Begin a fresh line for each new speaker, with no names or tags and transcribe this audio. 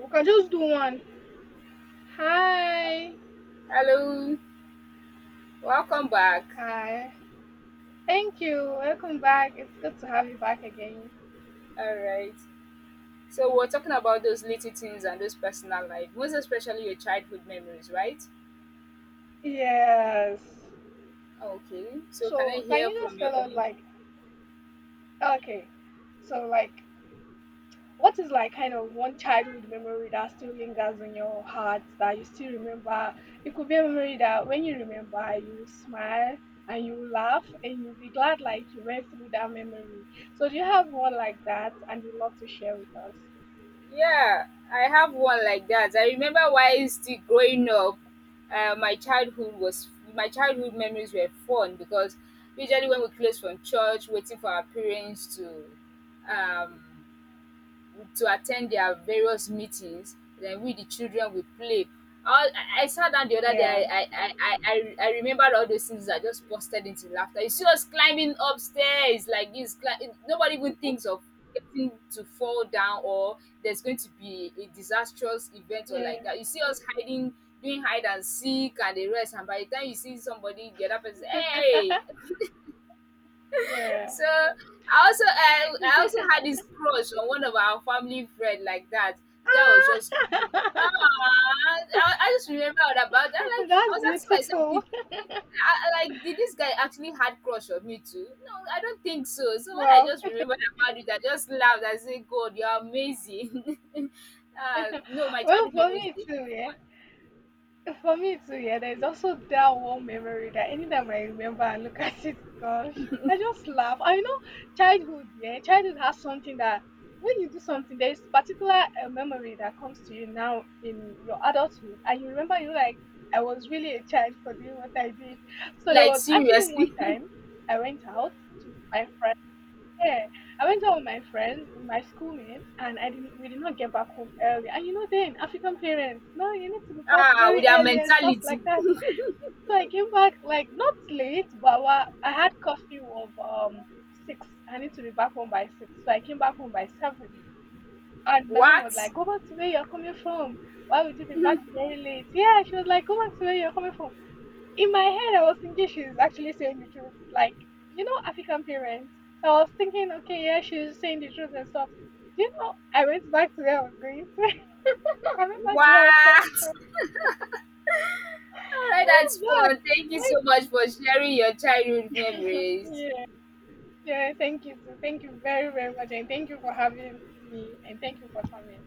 We can just do one. Hi.
Hello, welcome back.
Hi. Thank you. Welcome back. It's good to have you back again.
All right. So we're talking about those little things and those personal life, most especially your childhood memories, right?
Yes.
Okay. So can I
So, can
hear
you just
from your
tell us,
end?
okay, so, like, what is, kind of one childhood memory that still lingers in your heart that you still remember? It could be a memory that when you remember, you will smile and you will laugh and you'll be glad, you went through that memory. So, do you have one like that and you'd love to share with us?
Yeah, I have one like that. I remember while still growing up, uh, my childhood was my childhood memories were fun because usually when we close from church, waiting for our parents um to attend their various meetings. Then we the children we play. All I sat down the other day.
Yeah.
I remembered all those things. I just busted into laughter. You see us climbing upstairs like this. Nobody even thinks of getting to fall down or there's going to be a disastrous event or
Yeah.
like that. You see us hiding, doing hide and seek and the rest. And by the time you see somebody, the other person, hey,
Yeah.
so I also had this crush on one of our family friend like that. The guy was just
Ah,
ah, I just remember all about that. Like I
that's
was asking myself, did,
beautiful.
I, I- like did this guy actually had crush on me too? No, I don't think so. So when I
Well,
just remembered about it, I just laughed. I said, God, you're amazing. No, my
well,
childhood
for
memories
me
they were
too, yeah.
fun.
For me too, yeah. There's also that one memory that anytime I remember and look at it, gosh, I just laugh. I know childhood, yeah. Childhood has something that when you do something, there's particular memory that comes to you now in your adulthood, and you remember you like I was really a child for doing what I did. So there
Like
was actually one
seriously,
time I went out to my friend. Yeah, I went out with my friends, with my schoolmates, and I didn't. We did not get back home early. And you know, then African parents, no, you need to be back
ah,
very
with our
early and stuff
mentality.
like that. So I came back like not late, but I had curfew of 6. I need to be back home by 6. So I came back home by 7. And my mom
What?
was like, "Go back to where you're coming from. Why would you be back very late?" Yeah, she was like, "Go back to where you're coming from." In my head, I was thinking she's actually saying the truth. Like, you know, African parents. So I was thinking, okay, yeah, she's saying the truth and stuff. Do you know, I went back to where I was going to. I went back to where I was coming from.
What? All right,
I
that's
went
fun.
back.
Thank you so
Like,
much for sharing your childhood memories.
yeah, yeah, thank you. Too. Thank you very, very much. And thank you for having me. And thank you for coming.